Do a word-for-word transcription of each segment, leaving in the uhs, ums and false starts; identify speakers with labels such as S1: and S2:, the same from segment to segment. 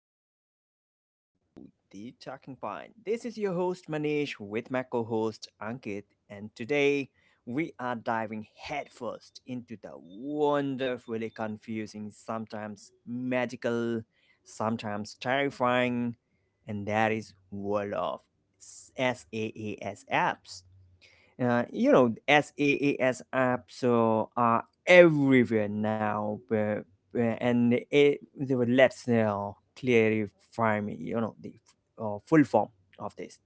S1: listeners in our show, The Talking Pine. This is your host, Manish, with my co host, Ankit, and today we are diving headfirst into the wonderfully confusing, sometimes magical, sometimes terrifying, and that is world of SaaS apps. Uh, you know, SaaS apps uh, are everywhere now. Uh, uh, and it, they will, let's uh, clarify me, you know, the uh, full form of this.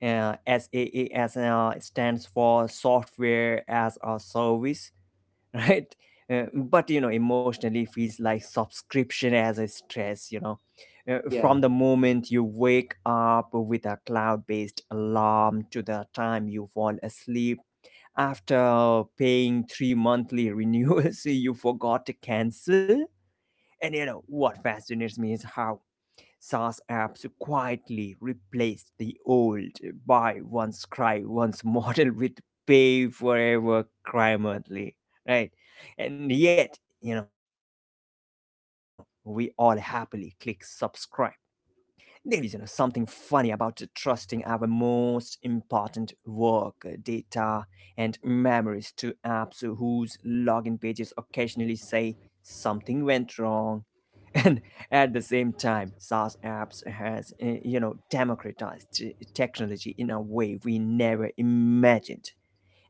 S1: Uh, SaaS uh, stands for software as a service, right? Uh, but you know, emotionally feels like subscription as a stress, you know. Uh,
S2: Yeah,
S1: from the moment you wake up with a cloud based alarm to the time you fall asleep after paying three monthly renewals you forgot to cancel. And you know what fascinates me is how SaaS apps quietly replaced the old buy once, cry once model with pay forever, cry monthly, right? And yet, you know, we all happily click subscribe. There is, you know, something funny about trusting our most important work, uh, data, and memories to apps whose login pages occasionally say something went wrong. And at the same time, SaaS apps has uh, you know democratized t- technology in a way we never imagined,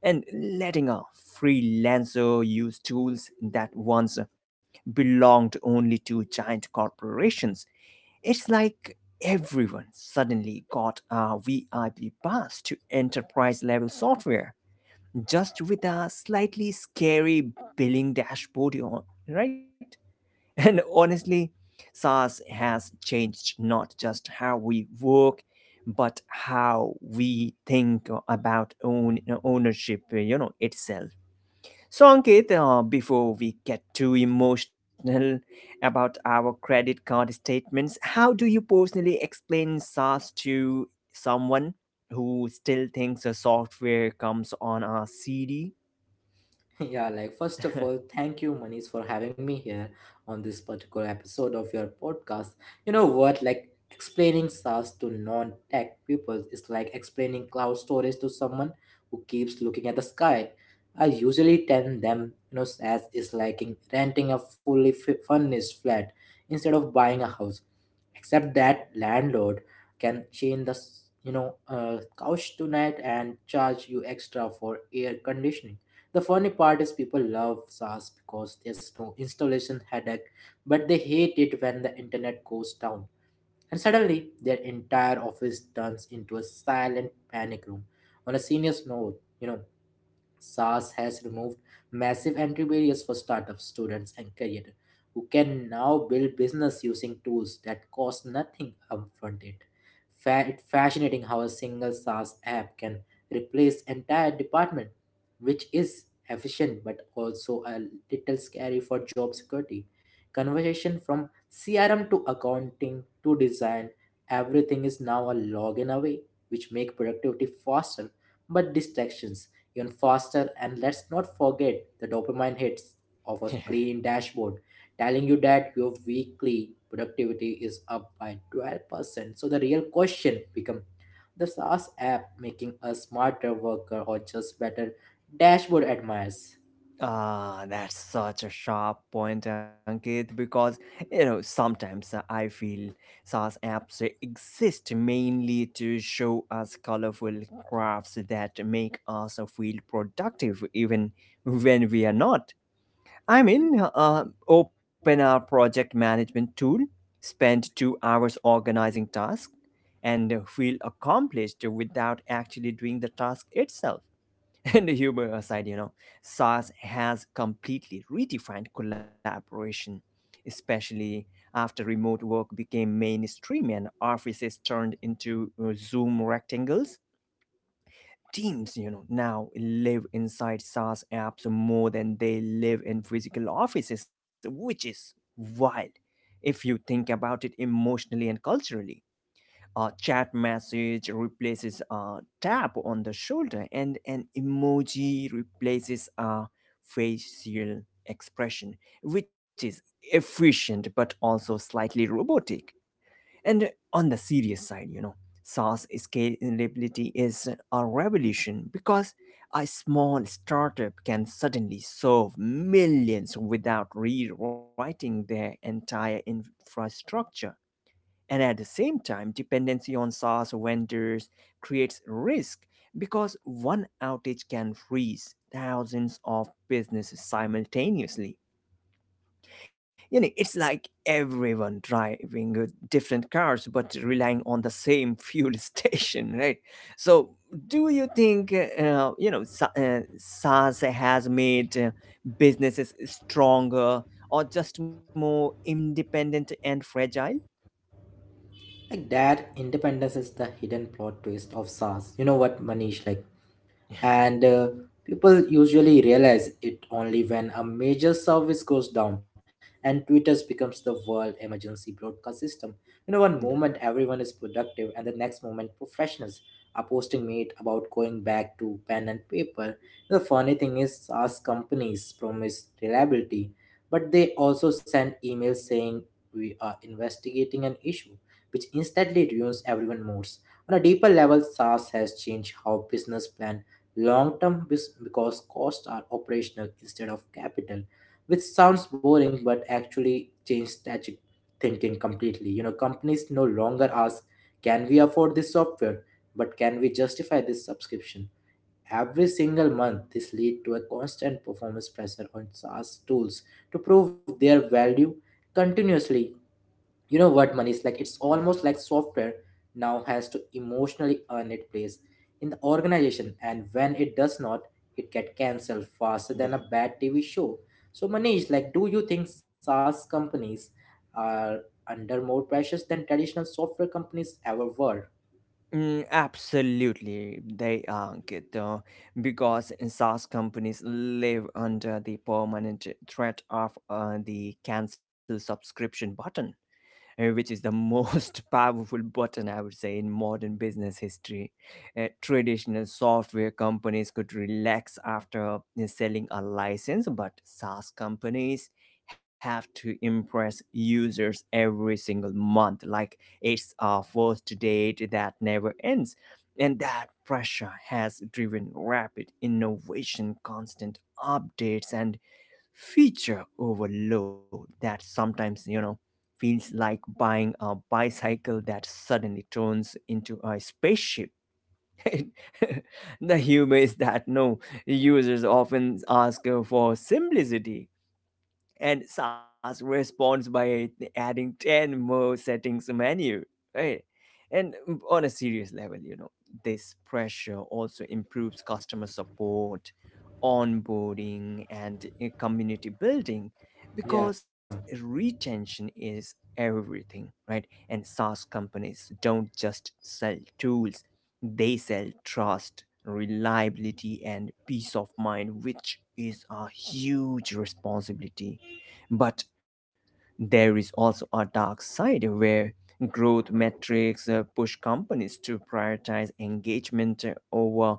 S1: and letting a freelancer use tools that once belonged only to giant corporations. It's like everyone suddenly got a V I P pass to enterprise level software, just with a slightly scary billing dashboard, on- right? And honestly, SaaS has changed not just how we work, but how we think about own ownership, you know, itself. So, Ankit, uh, before we get too emotional about our credit card statements, how do you personally explain SaaS to someone who still thinks a software comes on a C D?
S2: yeah. Like, first of all, thank you, Manish, for having me here on this particular episode of your podcast. You know what? Like, explaining SaaS to non tech pupils is like explaining cloud storage to someone who keeps looking at the sky. I usually tell them, you know, SaaS is like in- renting a fully fi- furnished flat instead of buying a house, except that landlord can change the s- you know uh, couch tonight and charge you extra for air conditioning. The funny part is people love SaaS because there's no installation headache, but they hate it when the internet goes down. And suddenly, their entire office turns into a silent panic room. On a serious note, you know, SaaS has removed massive entry barriers for startups, students, and career who can now build business using tools that cost nothing upfront. It fa- it's fascinating how a single SaaS app can replace entire department, which is efficient but also a little scary for job security. Conversation from C R M to accounting to design, everything is now a login away, which make productivity faster but distractions even faster. And let's not forget the dopamine hits of a clean dashboard telling you that your weekly productivity is up by twelve percent. So the real question becomes the SaaS app making a smarter worker or just better dashboard admires.
S1: Ah, that's such a sharp point, Ankit, because you know sometimes uh, I feel SaaS apps exist mainly to show us colorful graphs that make us feel productive even when we are not. I mean, uh, open our project management tool, spend two hours organizing tasks, and feel accomplished without actually doing the task itself. And humor aside, you know, SaaS has completely redefined collaboration, especially after remote work became mainstream and offices turned into uh, Zoom rectangles. Teams, you know, now live inside SaaS apps more than they live in physical offices, which is wild if you think about it emotionally and culturally. A chat message replaces a tap on the shoulder, and an emoji replaces a facial expression, which is efficient but also slightly robotic. And on the serious side, you know, SaaS scalability is a revolution because a small startup can suddenly serve millions without rewriting their entire infrastructure, and at the same time, dependency on SaaS vendors creates risk because one outage can freeze thousands of businesses simultaneously. You know, it's like everyone driving uh, different cars but relying on the same fuel station, right? So, do you think, uh, you know, Sa- uh, SaaS has made uh, businesses stronger, or just more independent and fragile?
S2: Like that independence is the hidden plot twist of SaaS. You know what, Manish? Like and uh, People usually realize it only when a major service goes down and Twitter becomes the world emergency broadcast system. You know, one moment
S1: Yeah,
S2: everyone is productive, and the next moment professionals are posting meat about going back to pen and paper. The funny thing is, SaaS companies promise reliability, but they also send emails saying we are investigating an issue, which instantly ruins everyone's moods. On a deeper level, SaaS has changed how business plan long term bes- because costs are operational instead of capital, which sounds boring but actually change strategic thinking completely. You know, companies no longer ask can we afford this software, but can we justify this subscription every single month. This lead to a constant performance pressure on saas tools to prove their value continuously. You know what money is like, it's
S1: yeah.
S2: almost like software now has to emotionally earn its place in the organization, and when it does not, it get cancelled faster than
S1: yeah.
S2: a bad tv show. So Manish, like, do you think saas companies are under more pressures than traditional software companies ever were?
S1: Mm, absolutely, they are good though, because SaaS companies live under the permanent threat of uh, the cancel subscription button, uh, which is the most powerful button, I would say, in modern business history. Uh, traditional software companies could relax after uh, selling a license, but SaaS companies have to impress users every single month, like it's a first date that never ends. And that pressure has driven rapid innovation, constant updates, and feature overload that sometimes you know feels like buying a bicycle that suddenly turns into a spaceship. The humor is that no, users often ask for simplicity, and SaaS responds by adding ten more settings menu, right? And on a serious level, you know, this pressure also improves customer support, onboarding, and uh, community building
S2: Yeah,
S1: because retention is everything, right? And SaaS companies don't just sell tools, they sell trust, reliability, and peace of mind, which is a huge responsibility. But there is also a dark side where growth metrics uh, push companies to prioritize engagement uh, over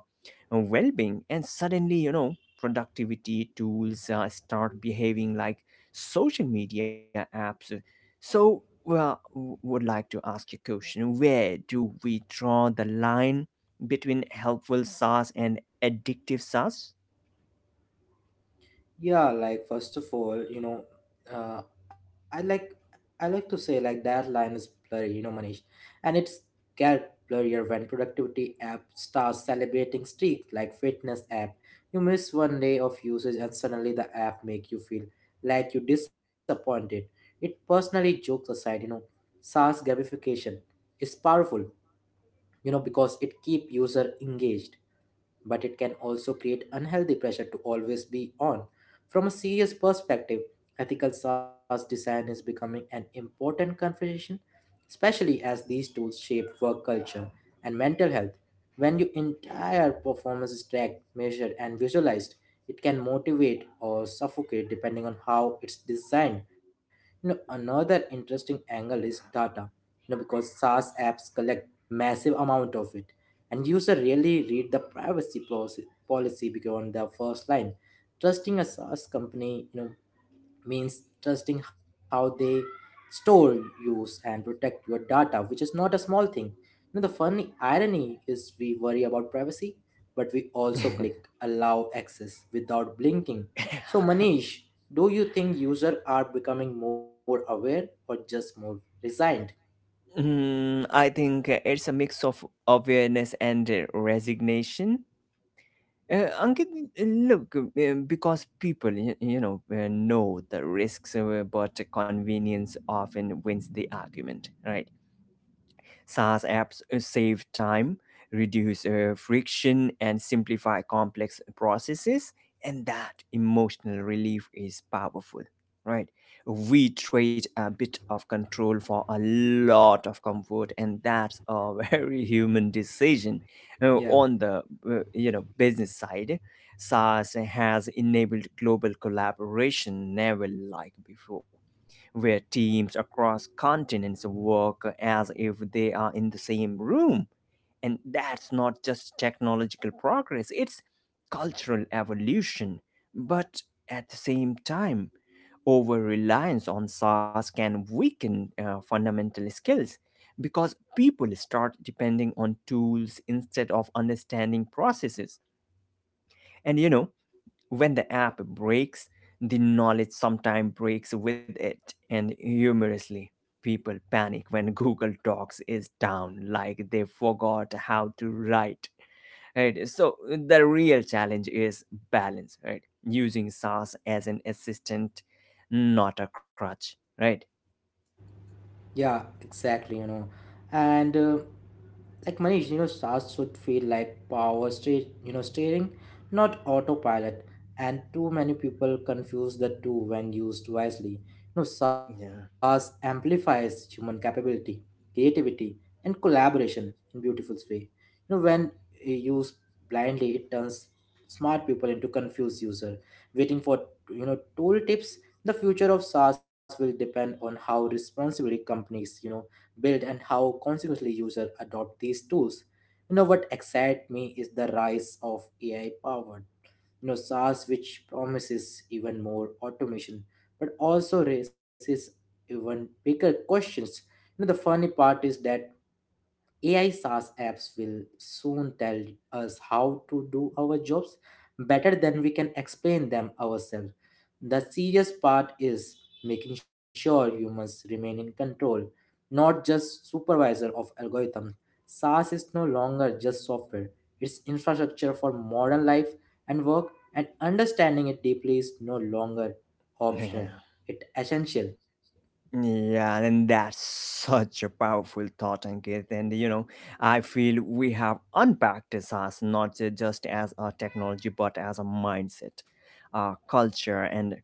S1: well being. And suddenly, you know, productivity tools uh, start behaving like social media apps. So, well, w- would like to ask you a question: where do we draw the line between helpful SaaS and addictive SaaS?
S2: Yeah, like first of all, you know, uh, I like I like to say like that line is blurry, you know, Manish, and it's get blurrier when productivity app starts celebrating streaks like fitness app. You miss one day of usage and suddenly the app make you feel like you disappointed. It personally jokes aside, you know, SaaS gamification is powerful, you know, because it keep user engaged, but it can also create unhealthy pressure to always be on. From a serious perspective, ethical SaaS design is becoming an important conversation, especially as these tools shape work culture and mental health. When your entire performance is tracked, measured, and visualized, it can motivate or suffocate depending on how it's designed. You know, another interesting angle is data. You know, because SaaS apps collect massive amount of it and user really read the privacy policy policy beyond the first line. Trusting a saas company, you know, means trusting how they store, use and protect your data, which is not a small thing. You know, the funny irony is we worry about privacy but we also
S1: Mm.
S2: click allow access without blinking. So Manish, do you think users are becoming more aware or just more resigned?
S1: Mm, I think uh, it's a mix of awareness and uh, resignation. Uh, Ankit, uh, look, uh, because people, you, you know, uh, know the risks, uh, but convenience often wins the argument, right? SaaS apps uh, save time, reduce uh, friction, and simplify complex processes. And that emotional relief is powerful, right? We trade a bit of control for a lot of comfort, and that's a very human decision. Uh,
S2: Yeah,
S1: on the uh, you know business side, SaaS has enabled global collaboration never like before, where teams across continents work as if they are in the same room. And that's not just technological progress, it's cultural evolution. But at the same time, over reliance on SaaS can weaken uh, fundamental skills because people start depending on tools instead of understanding processes. And you know, when the app breaks, the knowledge sometimes breaks with it, and humorously, people panic when Google Docs is down, like they forgot how to write. Right? So, the real challenge is balance, right? Using SaaS as an assistant, not a crutch, right?
S2: Yeah, exactly, you know. And uh, Like Manish, you know, stars should feel like power straight, you know, steering, not autopilot. And too many people confuse the two when used wisely. You
S1: Yeah.
S2: know, SaaS amplifies human capability, creativity, and collaboration in beautiful way. You know, when uh, used blindly, it turns smart people into confused user, waiting for, you know, tool tips. The future of SaaS will depend on how responsibly companies, you know, build and how consequently users adopt these tools. You know what excites me is the rise of A I powered, you know, SaaS which promises even more automation, but also raises even bigger questions. You know, the funny part is that A I SaaS apps will soon tell us how to do our jobs better than we can explain them ourselves. The serious part is making sure humans remain in control, not just supervisor of algorithms. SaaS is no longer just software, it's infrastructure for modern life and work, and understanding it deeply is no longer optional.
S1: Yeah.
S2: It's essential.
S1: Yeah, and that's such a powerful thought, Ankit. And you know, I feel we have unpacked SaaS not ju- just as a technology, but as a mindset, a culture, and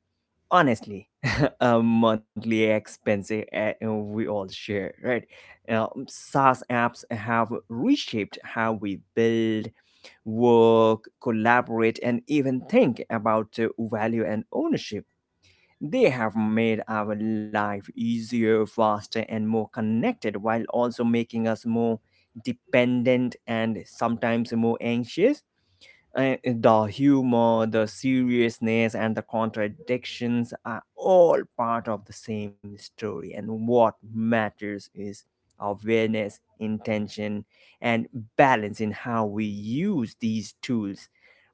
S1: honestly, a monthly expense uh, we all share, right? Uh, SaaS apps have reshaped how we build, work, collaborate, and even think about uh, value and ownership. They have made our life easier, faster, and more connected, while also making us more dependent and sometimes more anxious. Uh, the humor, the seriousness, and the contradictions are all part of the same story. And what matters is awareness, intention, and balance in how we use these tools.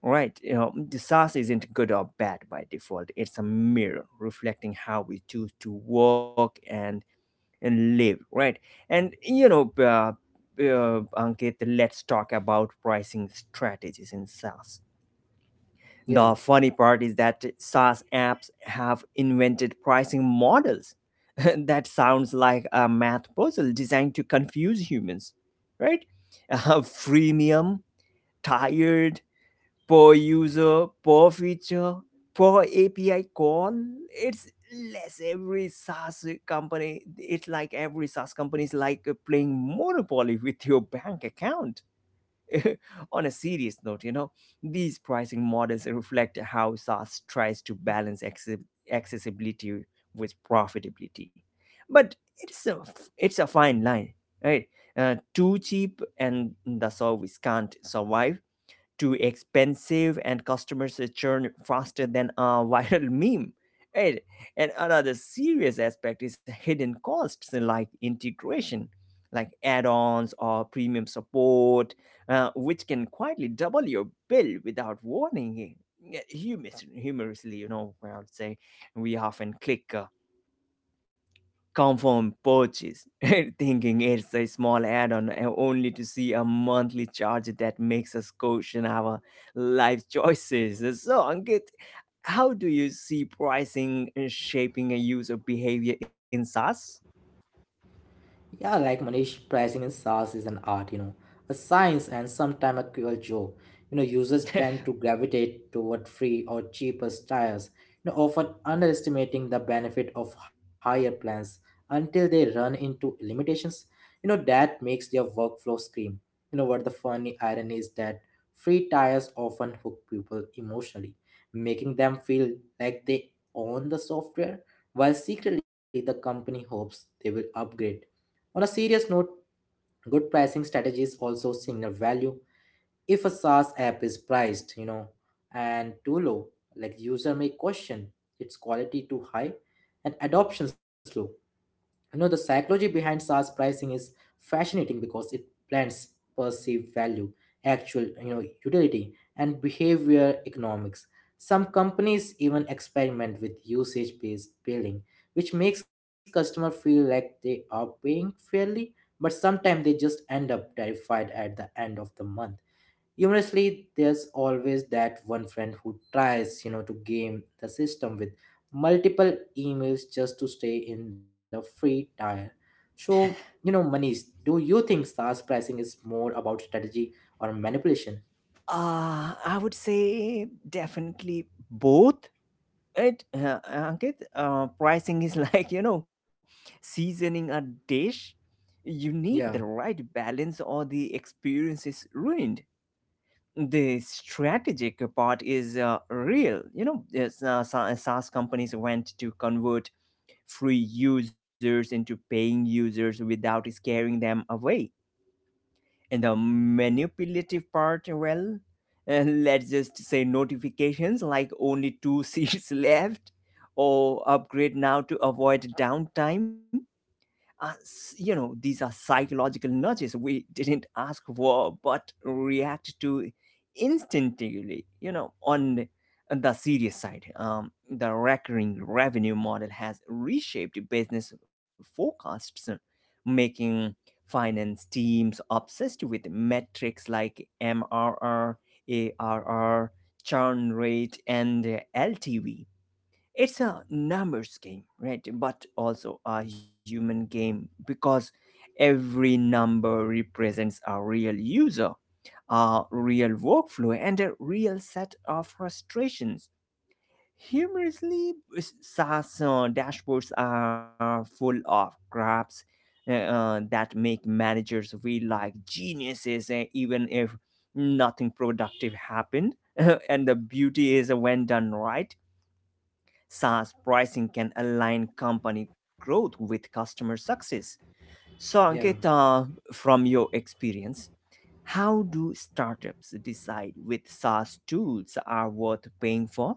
S1: Right, you know, the SaaS isn't good or bad by default. It's a mirror reflecting how we choose to work and, and live. Right, and you know, uh, uh, Ankit, let's talk about pricing strategies in SaaS.
S2: Yeah.
S1: The funny part is that SaaS apps have invented pricing models that sounds like a math puzzle designed to confuse humans, right? Uh, freemium, tired, per user, per feature, per A P I call. It's less every SaaS company. It's like every SaaS company is like playing Monopoly with your bank account. On a serious note, you know, these pricing models reflect how SaaS tries to balance access- accessibility with profitability. But it's a, it's a fine line, right? Uh, too cheap and the service can't survive, too expensive and customers churn faster than a viral meme. Right? And another serious aspect is hidden costs like integration, like add ons or premium support, uh, which can quietly double your bill without warning. Yeah, Humorous, humorously, you know, I would say we often click, uh, confirm purchase, thinking it's a small add on, only to see a monthly charge that makes us question our life choices. So, Ankit, how do you see pricing uh, shaping a user behavior in SaaS?
S2: Yeah, like Manish, pricing in SaaS is an art, you know, a science and sometimes a cruel joke. You know, users tend to gravitate toward free or cheapest tiers, you know, often underestimating the benefit of higher plans until they run into limitations. You know, that makes their workflow scream. You know what, the funny irony is that free tiers often hook people emotionally, making them feel like they own the software, while secretly the company hopes they will upgrade. On a serious note, good pricing strategies also signal value. If a SaaS app is priced, you know, and too low, like user may question its quality, too high and adoption slow. You know, the psychology behind SaaS pricing is fascinating because it blends perceived value, actual, you know, utility, and behavior economics. Some companies even experiment with usage-based billing, which makes customer feel like they are paying fairly, but sometimes they just end up terrified at the end of the month. Humorously, there's always that one friend who tries, you know, to game the system with multiple emails just to stay in the free tier. So, you know, Manish, do you think SaaS pricing is more about strategy or manipulation?
S1: Uh, I would say definitely both. It, uh, Ankit, uh, pricing is like, you know, seasoning a dish. You need
S2: Yeah,
S1: the right balance or the experience is ruined. The strategic part is uh, real. You know, yes, uh, Sa- uh, SaaS companies went to convert free users into paying users without scaring them away. And the manipulative part, well, uh, let's just say notifications like only two seats left or upgrade now to avoid downtime. Uh, s- you know, these are psychological nudges we didn't ask for but react to instinctively. You know, on the serious side, um, the recurring revenue model has reshaped business forecasts, making finance teams obsessed with metrics like M R R, A R R, churn rate, and L T V. It's a numbers game, right? But also a human game, because every number represents a real user, a real workflow, and a real set of frustrations. Humorously, s- SaaS uh, dashboards are full of graphs uh, uh, that make managers feel like geniuses, uh, even if nothing productive happened. And the beauty is, uh, when done right, SaaS pricing can align company growth with customer success. So,
S2: yeah.
S1: Ankita, from your experience, how do startups decide which SaaS tools are worth paying for?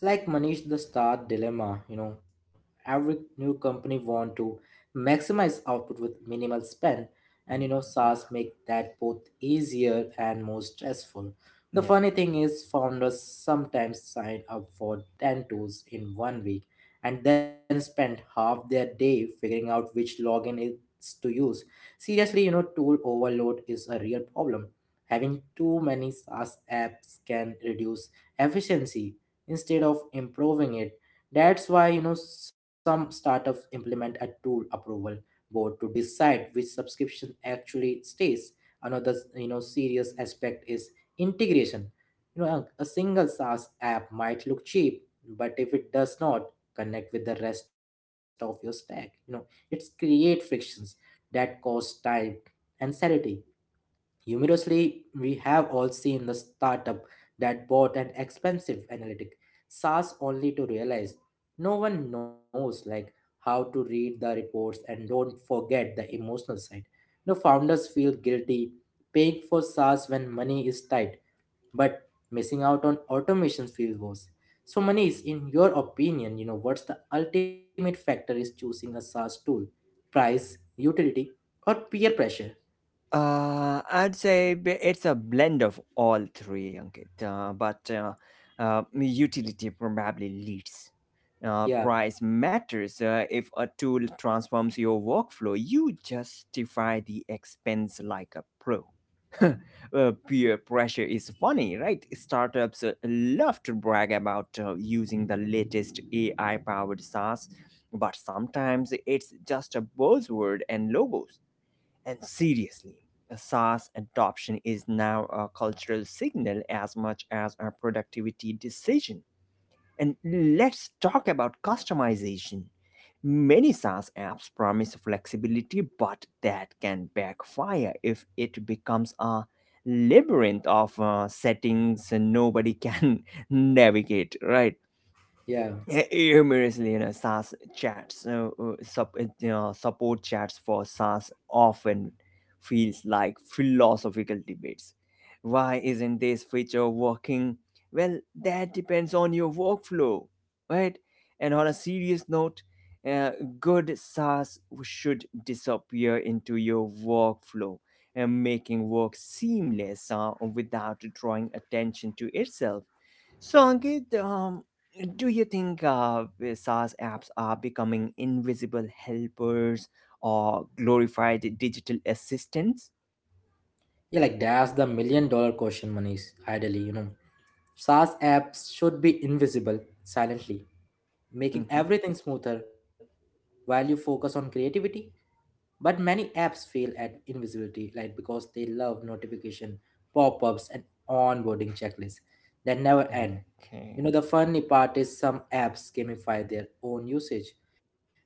S2: Like Manish, the start dilemma, you know, every new company want to maximize output with minimal spend, and you know,
S1: Mhm.
S2: SaaS
S1: Yeah.
S2: make that both easier and more stressful. The
S1: Yeah.
S2: funny thing is, founders sometimes sign up for ten tools in one week and then spend half their day figuring out which login is to use. Seriously, you know, tool overload is a real problem. Having too many SaaS apps can reduce efficiency instead of improving it. That's why, you know, some startups implement a tool approval board to decide which subscription actually stays. Another, you know, serious aspect is integration. You know, a, a single saas app might look cheap, but if it does not connect with the rest of your stack, you know, it's create frictions that cost time and sanity. Humorously, we have all seen the startup that bought an expensive analytic SaaS only to realize no one knows like how to read the reports. And don't forget the emotional side. The founders feel guilty paying for SaaS when money is tight, but missing out on automation feels worse. So money is, in your opinion, you know, what's the ultimate factor is choosing a SaaS tool? Price, utility, or peer pressure?
S1: Uh, I'd say b- it's a blend of all three, Ankit. Uh, but uh, uh, Utility probably leads. Uh,
S2: Yeah,
S1: price matters. Uh, if a tool transforms your workflow, you justify the expense like a pro. Uh, peer pressure is funny, right? Startups uh, love to brag about uh, using the latest A I powered SaaS, but sometimes it's just a buzzword and logos and seriously, SaaS adoption is now a cultural signal as much as a productivity decision. And let's talk about customization. Many SaaS apps promise flexibility, but that can backfire if it becomes a labyrinth of uh, settings nobody can navigate, right?
S2: yeah.
S1: hu- humorously, you know, SaaS chats, uh, uh, sup- uh, you know, support chats for SaaS often feels like philosophical debates. Why isn't this feature working? Well, that depends on your workflow, right? And on a serious note, uh, good SaaS should disappear into your workflow and making work seamless uh, without drawing attention to itself. So, Ankit, um, do you think uh, SaaS apps are becoming invisible helpers or glorified digital assistants?
S2: Yeah, like that's the million dollar question, Manish. Ideally, you know, SaaS apps should be invisible silently, making
S1: Hmm.
S2: everything smoother while you focus on creativity. But many apps fail at invisibility, like because they love notification, pop-ups, and onboarding checklists that never end.
S1: Okay.
S2: You know, the funny part is some apps gamify their own usage,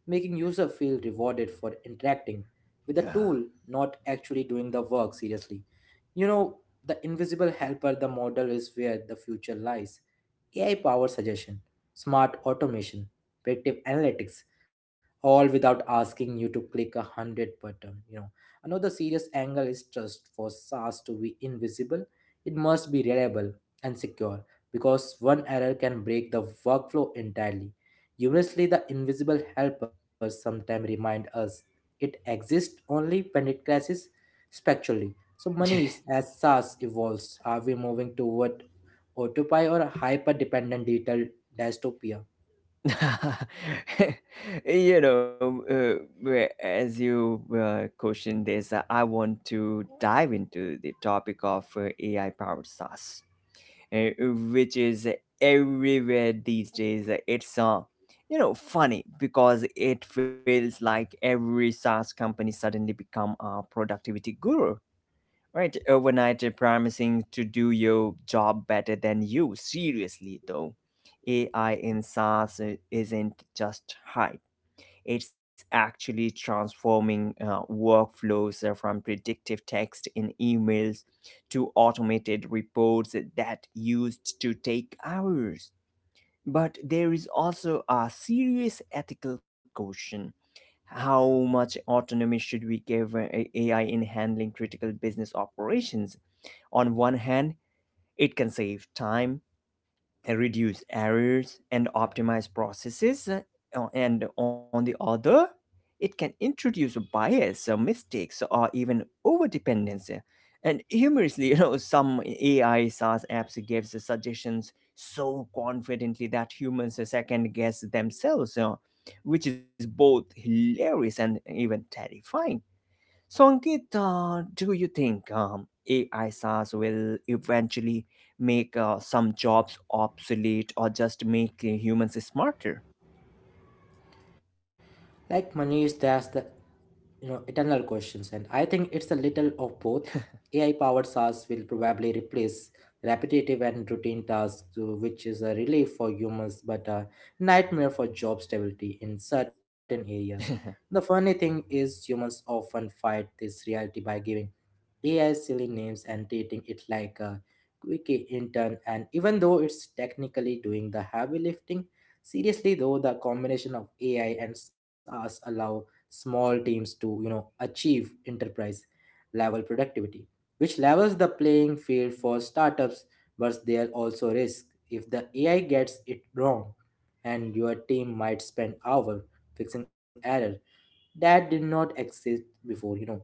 S2: making user feel rewarded for interacting with the
S1: Yeah.
S2: tool, not actually doing the work seriously. You know, the invisible helper, the model is where the future lies. A I powered suggestion, smart automation, predictive analytics, all without asking you to click a hundred button. You know, another serious angle is trust. For saas to be invisible, it must be reliable and secure, because one error can break the workflow entirely. Humorously, the invisible helpers sometimes remind us it exists only when it crashes spectrally. So Manish, as SaaS evolves, are we moving toward autopilot or hyper-dependent digital dystopia?
S1: You know, uh, where- as you uh, question this, uh, I want to dive into the topic of uh, A I powered SaaS, uh, which is everywhere these days. It's uh, you know funny because it feels like every SaaS company suddenly become a productivity guru, right? Overnight, uh, promising to do your job better than you. Seriously though, A I in SaaS uh, isn't just hype. It's actually transforming uh, workflows uh, from predictive text in emails to automated reports that used to take hours. But there is also a serious ethical question. How much autonomy should we give uh, A I in handling critical business operations? On one hand, it can save time, uh, reduce errors and optimize processes, uh, o- and on the other, it can introduce bias, uh, mistakes, or even overdependence. uh, And humorously, you know, some A I SaaS apps gives suggestions so confidently that humans second guess themselves, uh, which is both hilarious and even terrifying. So, Ankit, uh, do you think um, A I SaaS will eventually make uh, some jobs obsolete or just make uh, humans smarter?
S2: Like Manish, that's the, you know, eternal questions, and I think it's a little of both. A I powered SaaS will probably replace repetitive and routine tasks, uh, which is a relief for humans but a nightmare for job stability in certain areas. The funny thing is, humans often fight this reality by giving A I silly names and treating it like a quickie intern. And even though it's technically doing the heavy lifting. Seriously though, the combination of A I and SaaS allow small teams to, you know, achieve enterprise level productivity, which levels the playing field for startups, but there are also risk if the A I gets it wrong and your team might spend hours fixing error that did not exist before, you know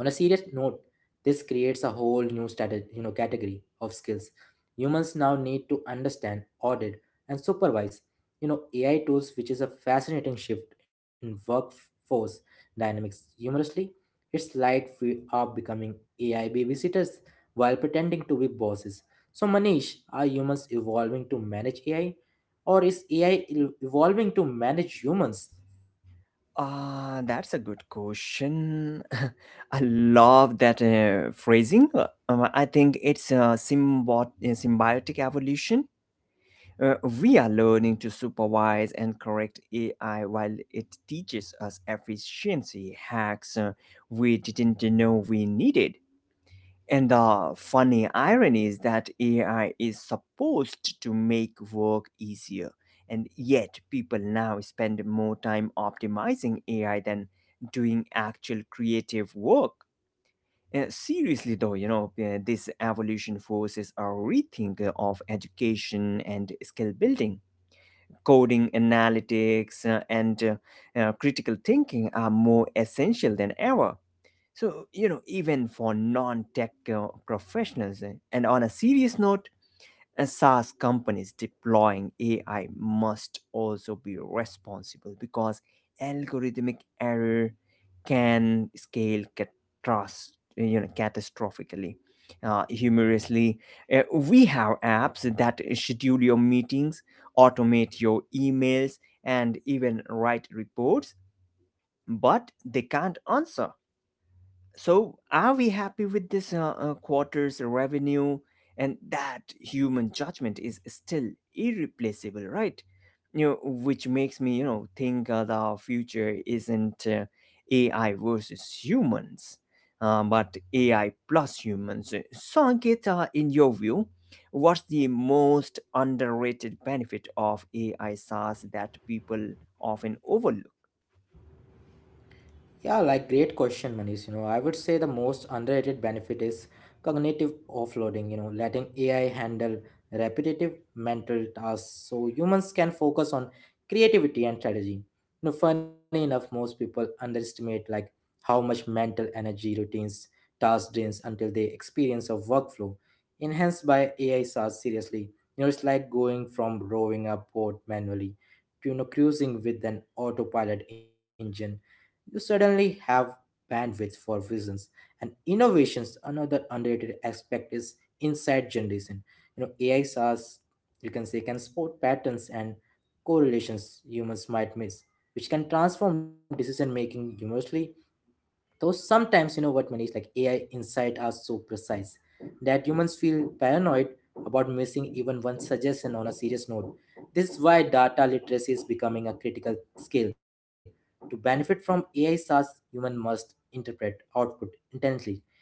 S2: On a serious note, this creates a whole new strategy, you know category of skills humans now need to understand, audit, and supervise you know AI tools, which is a fascinating shift in workforce dynamics. Humorously, it's like we are becoming AI babysitters while pretending to be bosses. So Manish, are humans evolving to manage AI, or is AI el- evolving to manage humans?
S1: Ah, that's a good question. I love that uh, phrasing. Uh, um, I think it's a symbot- uh, symbiotic evolution. Uh, we are learning to supervise and correct A I while it teaches us efficiency hacks uh, we didn't know we needed. And the funny irony is that A I is supposed to make work easier, and yet people now spend more time optimizing A I than doing actual creative work. Uh, seriously, though, you know, uh, this evolution forces a rethink uh, of education and skill building. Coding, analytics, uh, and uh, uh, critical thinking are more essential than ever so, you know, even for non tech uh, professionals, eh, and on a serious note, uh, SaaS companies deploying A I must also be responsible because algorithmic error can scale catastroph- you know, catastrophically. Uh, humorously, uh, we have apps that schedule your meetings, automate your emails, and even write reports, but they can't answer so, are we happy with this uh, uh, quarter's revenue? And that human judgment is still irreplaceable, right? You know, which makes me, you know, think uh, the future isn't uh, A I versus humans, uh, but A I plus humans. So, Ankit, uh, in your view, what's the most underrated benefit of A I SaaS that people often overlook?
S2: Yeah, like great question, Manish. You know, I would say the most underrated benefit is cognitive offloading, you know, letting A I handle repetitive mental tasks so humans can focus on creativity and strategy. You know, funny enough, most people underestimate like how much mental energy routines task drains until they experience a workflow enhanced by A I SaaS seriously. You know, it's like going from rowing a boat manually to you know cruising with an autopilot engine. You suddenly have bandwidth for visions and innovations. Another underrated aspect is insight generation. You know, A I SaaS, you can say, can spot patterns and correlations humans might miss, which can transform decision making. Humorously, though sometimes, you know what, Manish, like A I insight are so precise that humans feel paranoid about missing even one suggestion. On a serious note, this is why data literacy is becoming a critical skill. To benefit from A I SaaS, human must interpret output intensely.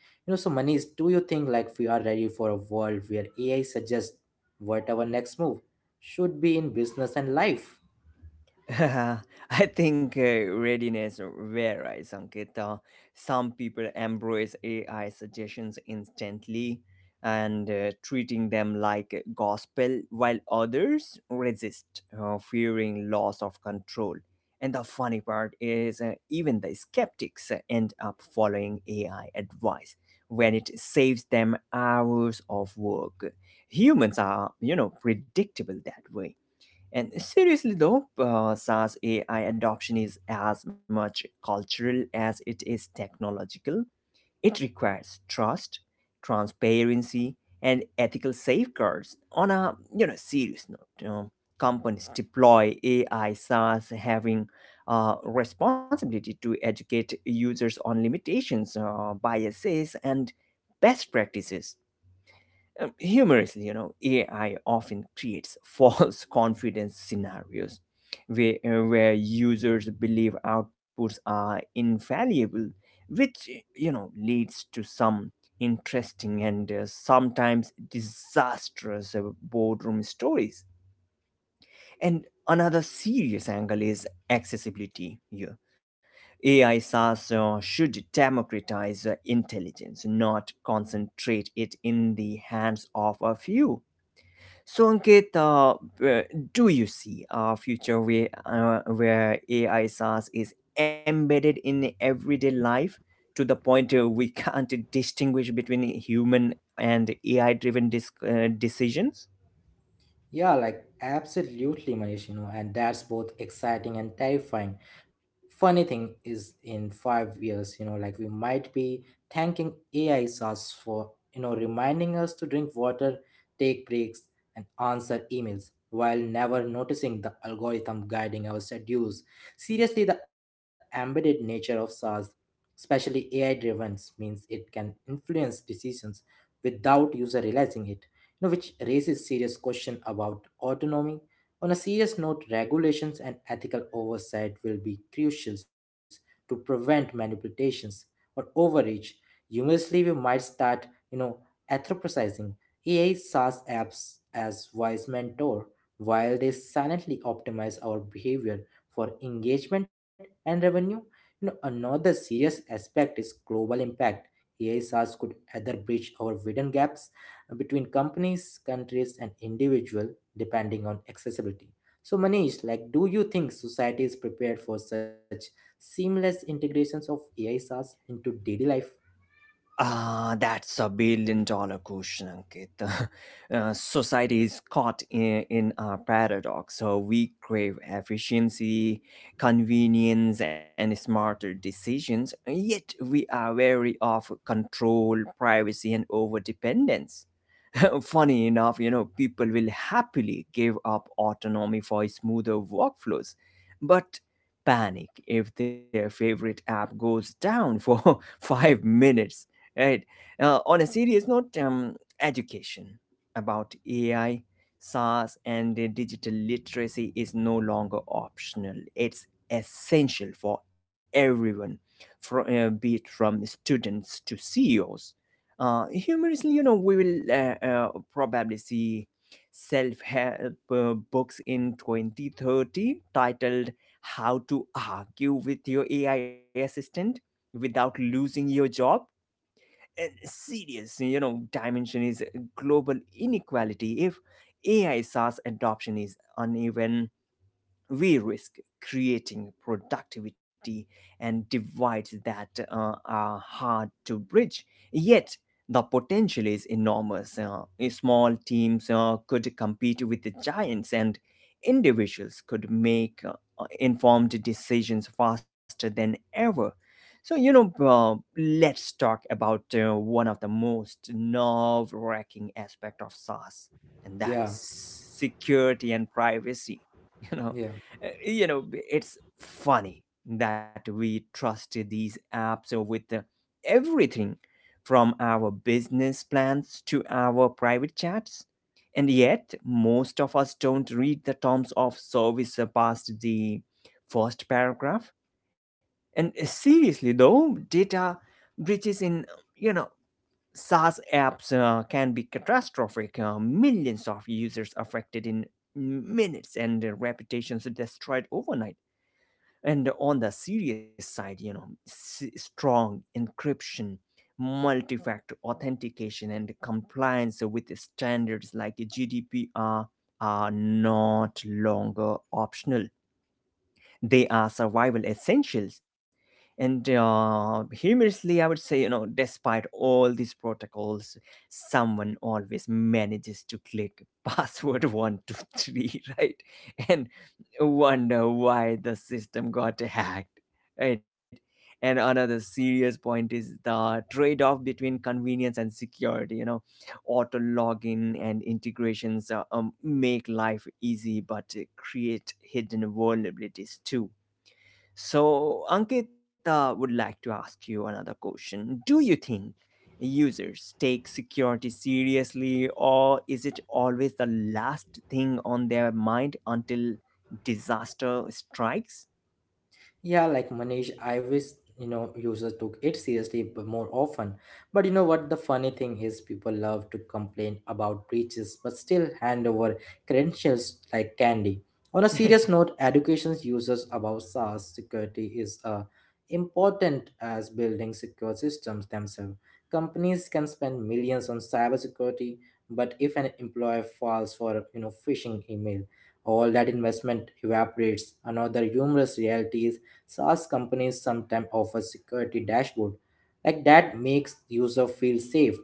S2: You know, so Manish, do you think like we are ready for a world where A I suggests what our next move should be in business and life?
S1: I think uh, readiness varies, Ankit. Uh, some people embrace A I suggestions instantly and uh, treating them like gospel, while others resist, uh, fearing loss of control. And the funny part is, uh, even the skeptics end up following A I advice when it saves them hours of work. Humans are, you know, predictable that way. And seriously, though, uh, SaaS A I adoption is as much cultural as it is technological. It requires trust, transparency, and ethical safeguards. On a you know serious note, you know, companies deploy A I SaaS having uh, responsibility to educate users on limitations, uh, biases, and best practices um, humorously, you know, A I often creates false confidence scenarios where, uh, where users believe outputs are infallible, which, you know, leads to some interesting and uh, sometimes disastrous uh, boardroom stories. And another serious angle is accessibility here. A I SaaS uh, should democratize uh, intelligence, not concentrate it in the hands of a few. So Ankit, uh, uh, do you see a future where uh, where A I SaaS is embedded in everyday life to the point uh, we can't distinguish between human and A I-driven dis- uh, decisions?
S2: Yeah, like absolutely, Manish, you know, and that's both exciting and terrifying. Funny thing is, in five years, you know, like we might be thanking A I us for, you know, reminding us to drink water, take breaks, and answer emails while never noticing the algorithm guiding our schedules. Seriously, the embedded nature of SaaS, especially A I driven, means it can influence decisions without user realizing it you know, which raises serious question about autonomy. On a serious note, regulations and ethical oversight will be crucial to prevent manipulations or overreach. Humorously, we might start, you know, anthropocizing A I SaaS apps as wise mentor while they silently optimize our behavior for engagement and revenue. You know, another serious aspect is global impact. A I SaaS could either bridge our hidden gaps between companies, countries, and individual depending on accessibility. So, Manish, like, do you think society is prepared for such seamless integrations of A I S Rs into daily life?
S1: Ah, that's a billion dollar question, Ankit. Uh, society is caught in, in a paradox. So we crave efficiency, convenience, and smarter decisions, yet we are wary of control, privacy, and overdependence. Funny enough, you know, people will happily give up autonomy for smoother workflows, but panic if their favorite app goes down for five minutes, right? Uh, on a serious note, um, education about ai SaaS and uh, digital literacy is no longer optional. It's essential for everyone, from, uh, be it from students to C E Os. Uh, humorously, you know, we will uh, uh, probably see self-help uh, books in twenty thirty titled "How to Argue with Your A I Assistant Without Losing Your Job." And serious, you know, dimension is eh, global inequality. If A I SaaS adoption is uneven, we risk creating productivity and divides that uh, are hard to bridge. Yet, the potential is enormous. Uh, small teams uh, could compete with the giants, and individuals could make uh, informed decisions faster than ever. So, you know, uh, let's talk about uh, one of the most nerve wracking aspect of SaaS, and
S2: Yeah,
S1: that is security and privacy. You know,
S2: yeah.
S1: uh, you know it's funny that we trust these apps with uh, everything from our business plans to our private chats and yet most of us don't read the terms of service past the first paragraph and seriously though data breaches in you know SaaS apps uh, can be catastrophic. Uh, millions of users affected in minutes and uh, reputations destroyed overnight and on the serious side, you know s- strong encryption, multi-factor authentication and compliance with standards like gdpr are not longer optional, they are survival essentials. And uh, humorously, I would say, you know, despite all these protocols, someone always manages to click password one, two, three, right? And wonder why the system got hacked, right? And another serious point is the trade off between convenience and security. You know, auto login and integrations uh, um, make life easy but uh, create hidden vulnerabilities too. So, Ankit, uh, would like to ask you another question. Do you think users take security seriously, or is it always the last thing on their mind until disaster strikes?
S2: Yeah, like Manish, I wish you know users took it seriously b- more often. But you know what? The funny thing is, people love to complain about breaches, but still hand over credentials like candy. On a serious note, education's users about SaaS security is uh, important as building secure systems themselves. Companies can spend millions on cybersecurity, but if an employer falls for you know phishing email, all that investment evaporates. Another humorous reality is SaaS companies sometimes offer security dashboard like that makes user feel safe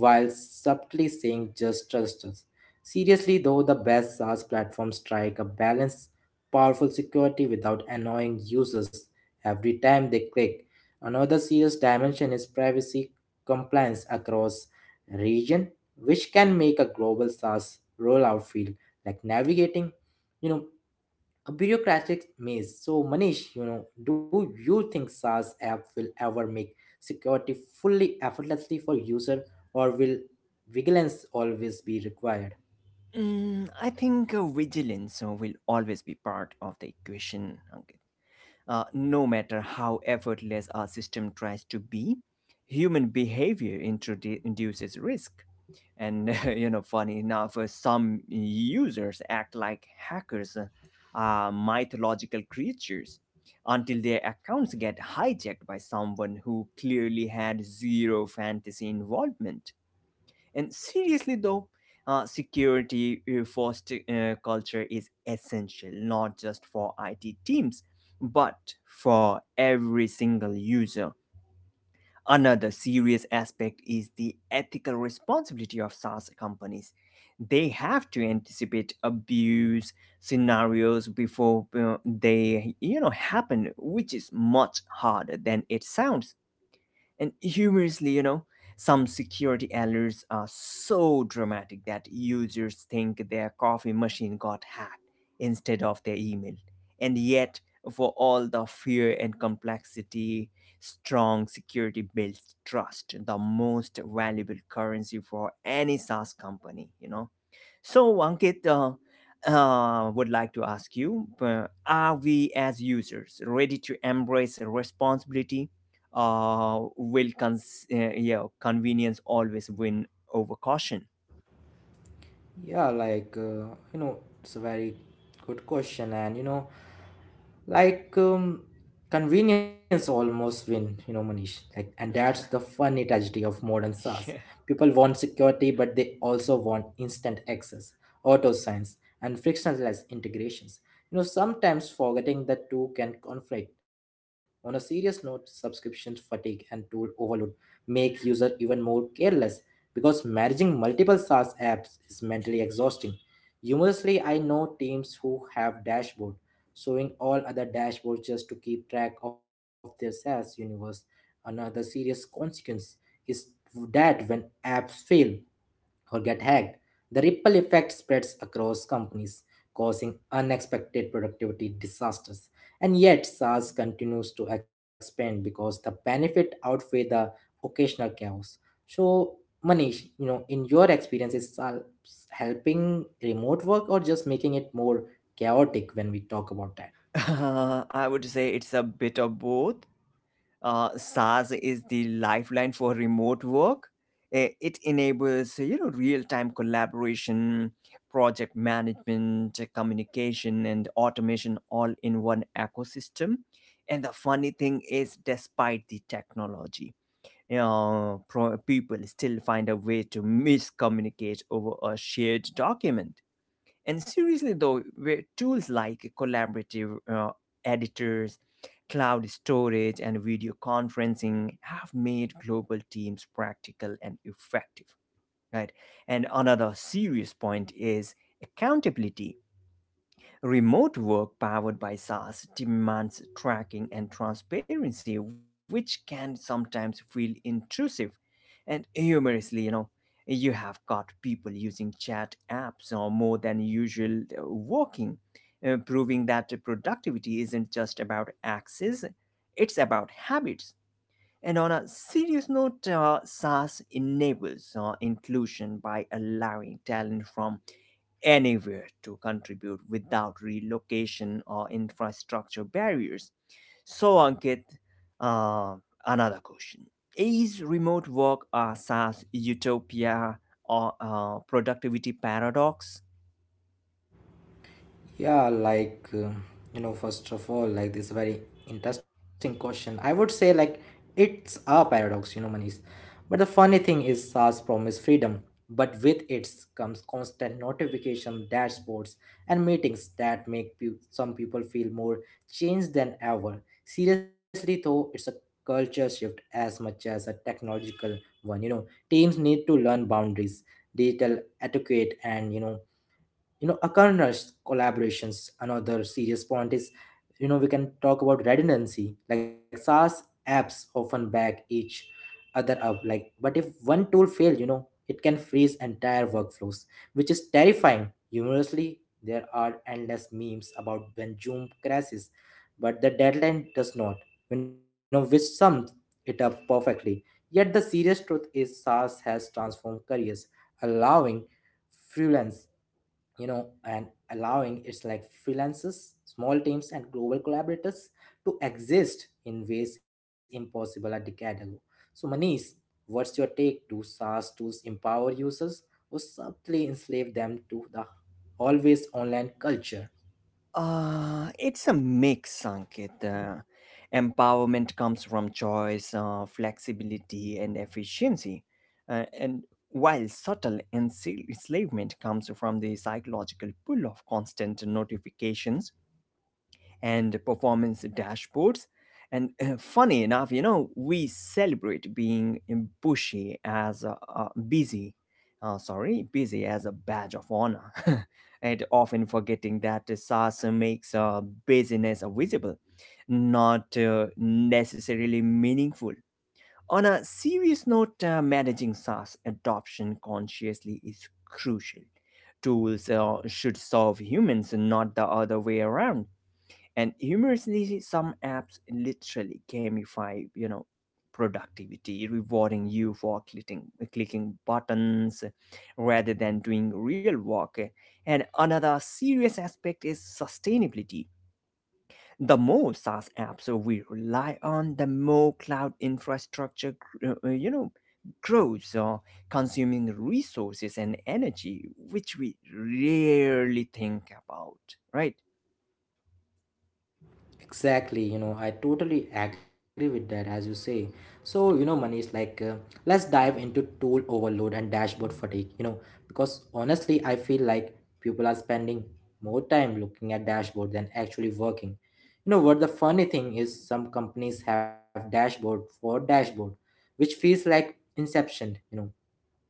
S2: while subtly saying just trust us. Seriously though, the best SaaS platforms strike a balance, powerful security without annoying users every time they click. Another serious dimension is privacy compliance across region, which can make a global SaaS rollout feel like navigating, you know, a bureaucratic maze. So, Manish, you know, do you think SaaS app will ever make security fully effortlessly for user, or will vigilance always be required?
S1: Mm, I think uh, vigilance uh, will always be part of the equation, Ankit. Uh, no matter how effortless our system tries to be, human behavior introdu- induces risk. And you know, funny enough, uh, some users act like hackers uh, are mythological creatures until their accounts get hijacked by someone who clearly had zero fantasy involvement. And seriously, though, uh, security uh, first uh, culture is essential not just for I T teams, but for every single user. Another serious aspect is the ethical responsibility of SaaS companies. They have to anticipate abuse scenarios before uh, they you know happen, which is much harder than it sounds and humorously, you know, some security alerts are so dramatic that users think their coffee machine got hacked instead of their email. And yet, for all the fear and complexity, strong security builds trust, the most valuable currency for any SaaS company, you know so, Ankit, uh, uh, would like to ask you uh, are we as users ready to embrace a responsibility? Uh, will cons- uh, yeah, convenience always win over caution?
S2: Yeah, like, uh, you know, it's a very good question. And, you know, like, um, convenience almost win, you know, Manish. Like, and that's the funny tragedy of modern SaaS.
S1: Yeah.
S2: People want security, but they also want instant access, auto signs, and frictionless integrations. You know, sometimes forgetting the two can conflict. On a serious note, subscription fatigue and tool overload make user even more careless because managing multiple SaaS apps is mentally exhausting. Humorously, I know teams who have dashboard showing all other dashboards just to keep track of their SaaS universe. Another serious consequence is that when apps fail, or get hacked, the ripple effect spreads across companies, causing unexpected productivity disasters. And yet, SaaS continues to expand because the benefit outweigh the occasional chaos. So, Manish, you know, in your experience, is SaaS helping remote work or just making it more chaotic when we talk about that?
S1: Uh, I would say it's a bit of both. uh, SaaS is the lifeline for remote work. Eh, it enables you know real-time collaboration, project management, eh, communication, and automation all in one ecosystem. And the funny thing is, despite the technology, you know, pro- people still find a way to miscommunicate over a shared document and seriously, though, where tools like collaborative uh, editors, cloud storage, and video conferencing have made global teams practical and effective, right? And another serious point is accountability. Remote work powered by SaaS demands tracking and transparency, which can sometimes feel intrusive. And humorously, you know, you have got people using chat apps or more than usual uh, working, uh, proving that productivity isn't just about access, it's about habits. And on a serious note, uh, SaaS enables uh, inclusion by allowing talent from anywhere to contribute without relocation or infrastructure barriers. So, Ankit, uh, another question. Is remote work a SaaS utopia or a productivity paradox?
S2: Yeah, like uh, you know, first of all, like this very interesting question. I would say like it's a paradox, you know, Manish. But the funny thing is, SaaS promise freedom, but with it comes constant notification dashboards and meetings that make pe- some people feel more changed than ever. Seriously, though, it's a culture shift as much as a technological one. You know, teams need to learn boundaries, digital etiquette, and you know you know occurrence collaborations. Another serious point is, you know we can talk about redundancy, like SaaS apps often back each other up, like but if one tool fail, you know it can freeze entire workflows, which is terrifying. Humorously, there are endless memes about when Zoom crashes but the deadline does not, you know which sums it up perfectly. Yet the serious truth is SaaS has transformed careers, allowing freelance, you know, and allowing its like freelancers, small teams, and global collaborators to exist in ways impossible a decade ago. So, Manish, what's your take? Do SaaS tools empower users or subtly enslave them to the always online culture?
S1: Uh, it's a mix, Ankit. Uh, empowerment comes from choice, uh, flexibility, and efficiency. Uh, and while subtle enslavement comes from the psychological pull of constant notifications and performance dashboards. And uh, funny enough, you know, we celebrate being bushy as a, a busy, uh, sorry, busy as a badge of honor, and often forgetting that SaaS makes uh, busyness visible, not uh, necessarily meaningful. On a serious note, uh, managing SaaS adoption consciously is crucial. Tools uh, should serve humans, not the other way around. And humorously, some apps literally gamify you know productivity, rewarding you for clicking clicking buttons rather than doing real work. And another serious aspect is sustainability. The more SaaS apps we rely on, the more cloud infrastructure, gr- uh, uh, you know, grows, uh, consuming resources and energy, which we rarely think about, right?
S2: Exactly, you know, I totally agree with that, as you say. So, you know, Manish, like, uh, let's dive into tool overload and dashboard fatigue, you know, because honestly, I feel like people are spending more time looking at dashboard than actually working. You know, what the funny thing is, some companies have dashboard for dashboard, which feels like inception, you know,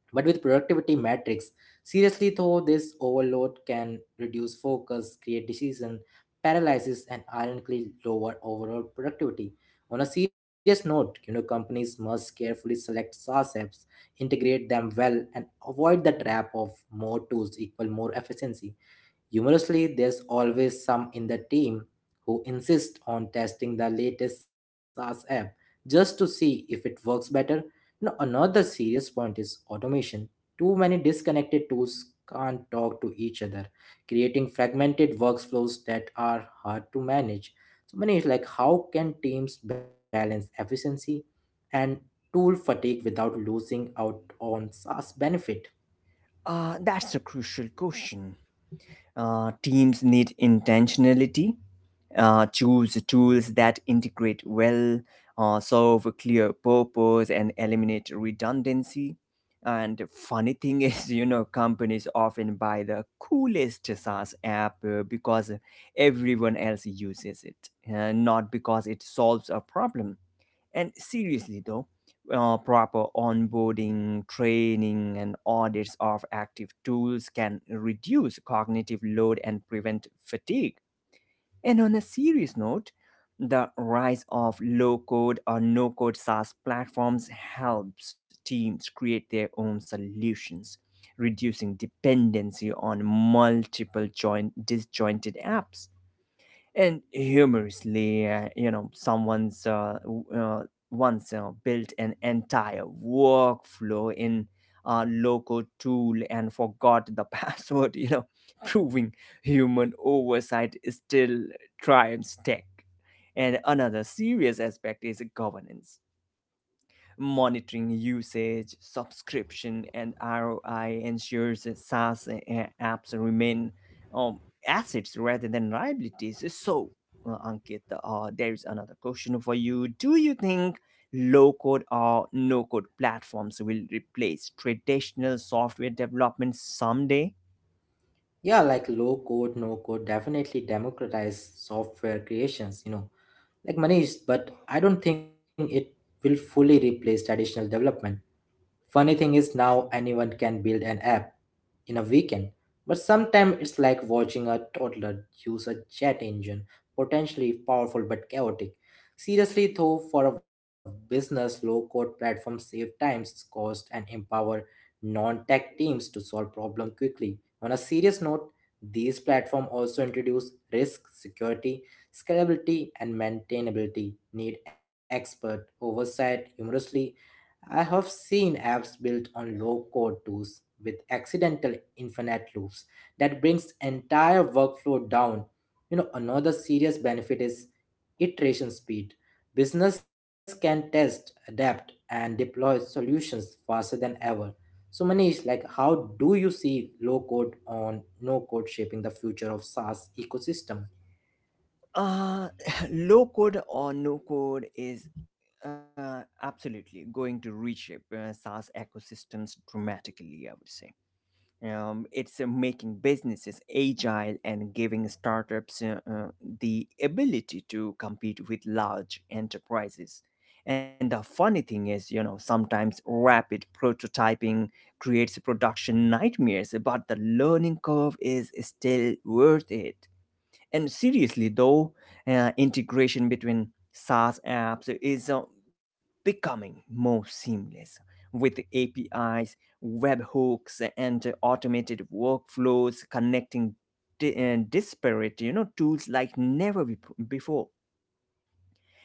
S2: but with productivity metrics. Seriously though, this overload can reduce focus, create decision paralysis, and ironically lower overall productivity. On a serious note, you know, companies must carefully select SaaS apps, integrate them well, and avoid the trap of more tools equal more efficiency. Humorously, there's always some in the team who insist on testing the latest SaaS app just to see if it works better. Now, another serious point is automation. Too many disconnected tools can't talk to each other, creating fragmented workflows that are hard to manage. So, many like how can teams balance efficiency and tool fatigue without losing out on SaaS benefit?
S1: Uh, that's a crucial question. Uh, teams need intentionality, uh, choose tools that integrate well, uh, serve a clear purpose, and eliminate redundancy. And funny thing is, you know, companies often buy the coolest SaaS app uh, because everyone else uses it, uh, not because it solves a problem. And seriously, though, uh, proper onboarding, training, and audits of active tools can reduce cognitive load and prevent fatigue. And on a serious note, the rise of low code or no code SaaS platforms helps teams create their own solutions, reducing dependency on multiple joint, disjointed apps. And humorously, uh, you know someone's uh, w- uh, once uh, built an entire workflow in a local tool and forgot the password you know proving human oversight still triumphs tech. And another serious aspect is governance. Monitoring usage, subscription, and R O I ensures that SaaS a- apps remain um, assets rather than liabilities. So, uh, Ankit, uh, there is another question for you. Do you think low code or no code platforms will replace traditional software development someday?
S2: Yeah, like low code, no code definitely democratize software creations, you know like Manish, but I don't think it will fully replace traditional development. Funny thing is now anyone can build an app in a weekend, but sometimes it's like watching a toddler use a jet engine, potentially powerful but chaotic. Seriously, though, for a business, low code platforms save times, cost, and empower non tech teams to solve problems quickly. On a serious note, these platforms also introduce risk, security, scalability and maintainability need expert oversight. Humorously, I have seen apps built on low code tools with accidental infinite loops that brings entire workflow down. You know, another serious benefit is iteration speed. Business can test, adapt, and deploy solutions faster than ever. So, Manish, like, how do you see low code on no code shaping the future of SaaS ecosystem?
S1: Uh, low code or no code is uh, absolutely going to reshape uh, SaaS ecosystems dramatically, I would say. Um, it's uh, making businesses agile and giving startups uh, uh, the ability to compete with large enterprises. And the funny thing is, you know, sometimes rapid prototyping creates production nightmares, but the learning curve is still worth it. And seriously, though, uh, integration between SaaS apps is uh, becoming more seamless with A P Is, webhooks, and uh, automated workflows connecting di- uh, disparate, you know, tools like never be- before.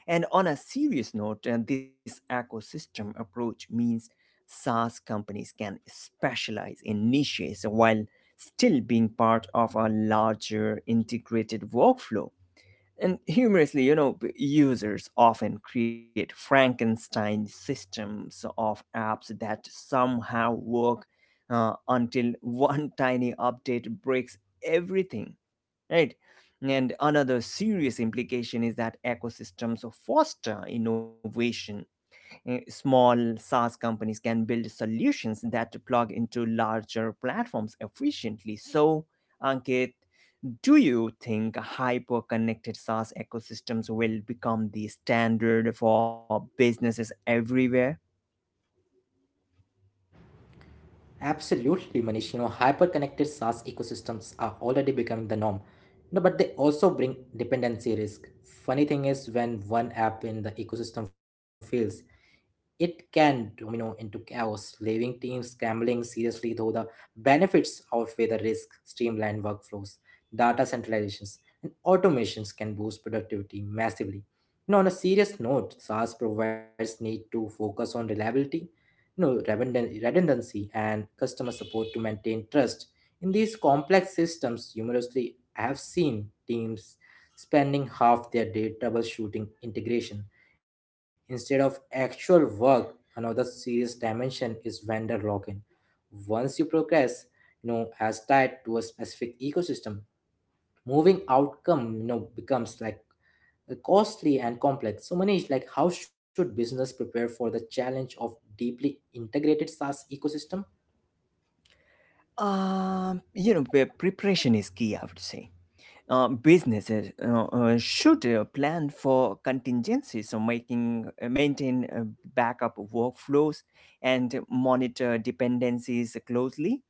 S1: And on a serious note, uh, this ecosystem approach means SaaS companies can specialize in niches while still being part of a larger integrated workflow. And humorously, you know, users often create Frankenstein systems of apps that somehow work uh, until one tiny update breaks everything, right? And another serious implication is that ecosystems foster innovation. Eh, Small SaaS companies can build solutions that plug into larger platforms efficiently. So, Ankit, do you think hyper-connected SaaS ecosystems will become the standard for businesses everywhere?
S2: Absolutely, Manish. You know, hyper-connected SaaS ecosystems are already becoming the norm. No, but they also bring dependency risk. Funny thing is when one app in the ecosystem fails, it can domino into chaos, leaving teams scrambling. Seriously, though, the benefits outweigh the risk. Streamlined workflows, data centralizations, and automations can boost productivity massively. You know, on a serious note, SaaS providers need to focus on reliability, you know, redundan- redundancy, and customer support to maintain trust in these complex systems. Humorously, I have seen teams spending half their day troubleshooting integration instead of actual work. Another serious dimension is vendor lock-in. Once you progress, you know, as tied to a specific ecosystem, moving outcome, you know, becomes like uh, costly and complex. So Manish, like how should business prepare for the challenge of deeply integrated SaaS ecosystem?
S1: Um, you know, pre- preparation is key, I would say. Uh, businesses uh, uh, should uh, plan for contingencies, so making uh, maintain uh, backup workflows and monitor dependencies closely.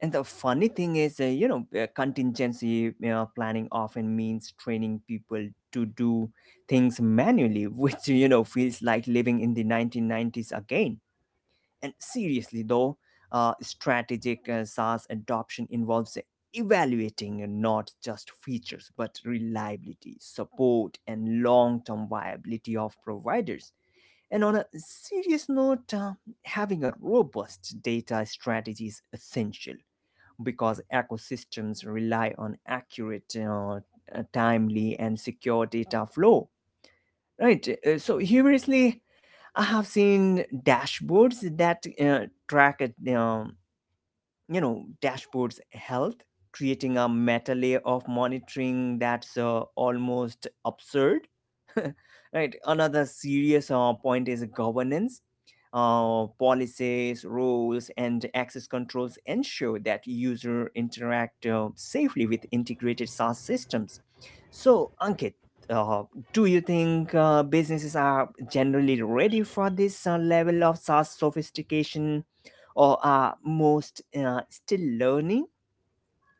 S1: And the funny thing is, uh, you know, uh, contingency uh, planning often means training people to do things manually, which, you know, feels like living in the nineteen nineties again. And seriously, though, uh, strategic uh, SaaS adoption involves evaluating uh, not just features, but reliability, support, and long term viability of providers. And on a serious note, uh, having a robust data strategy is essential because ecosystems rely on accurate, uh, uh, timely, and secure data flow. Right. Uh, so humorously, I have seen dashboards that uh, track it. Um, you know, dashboards health, creating a meta layer of monitoring that's uh, almost absurd, right? Another serious uh, point is governance. uh, policies, rules, and access controls ensure that user interact uh, safely with integrated SaaS systems. So, Ankit, uh, do you think uh, businesses are generally ready for this uh, level of SaaS sophistication, or are most uh, still learning?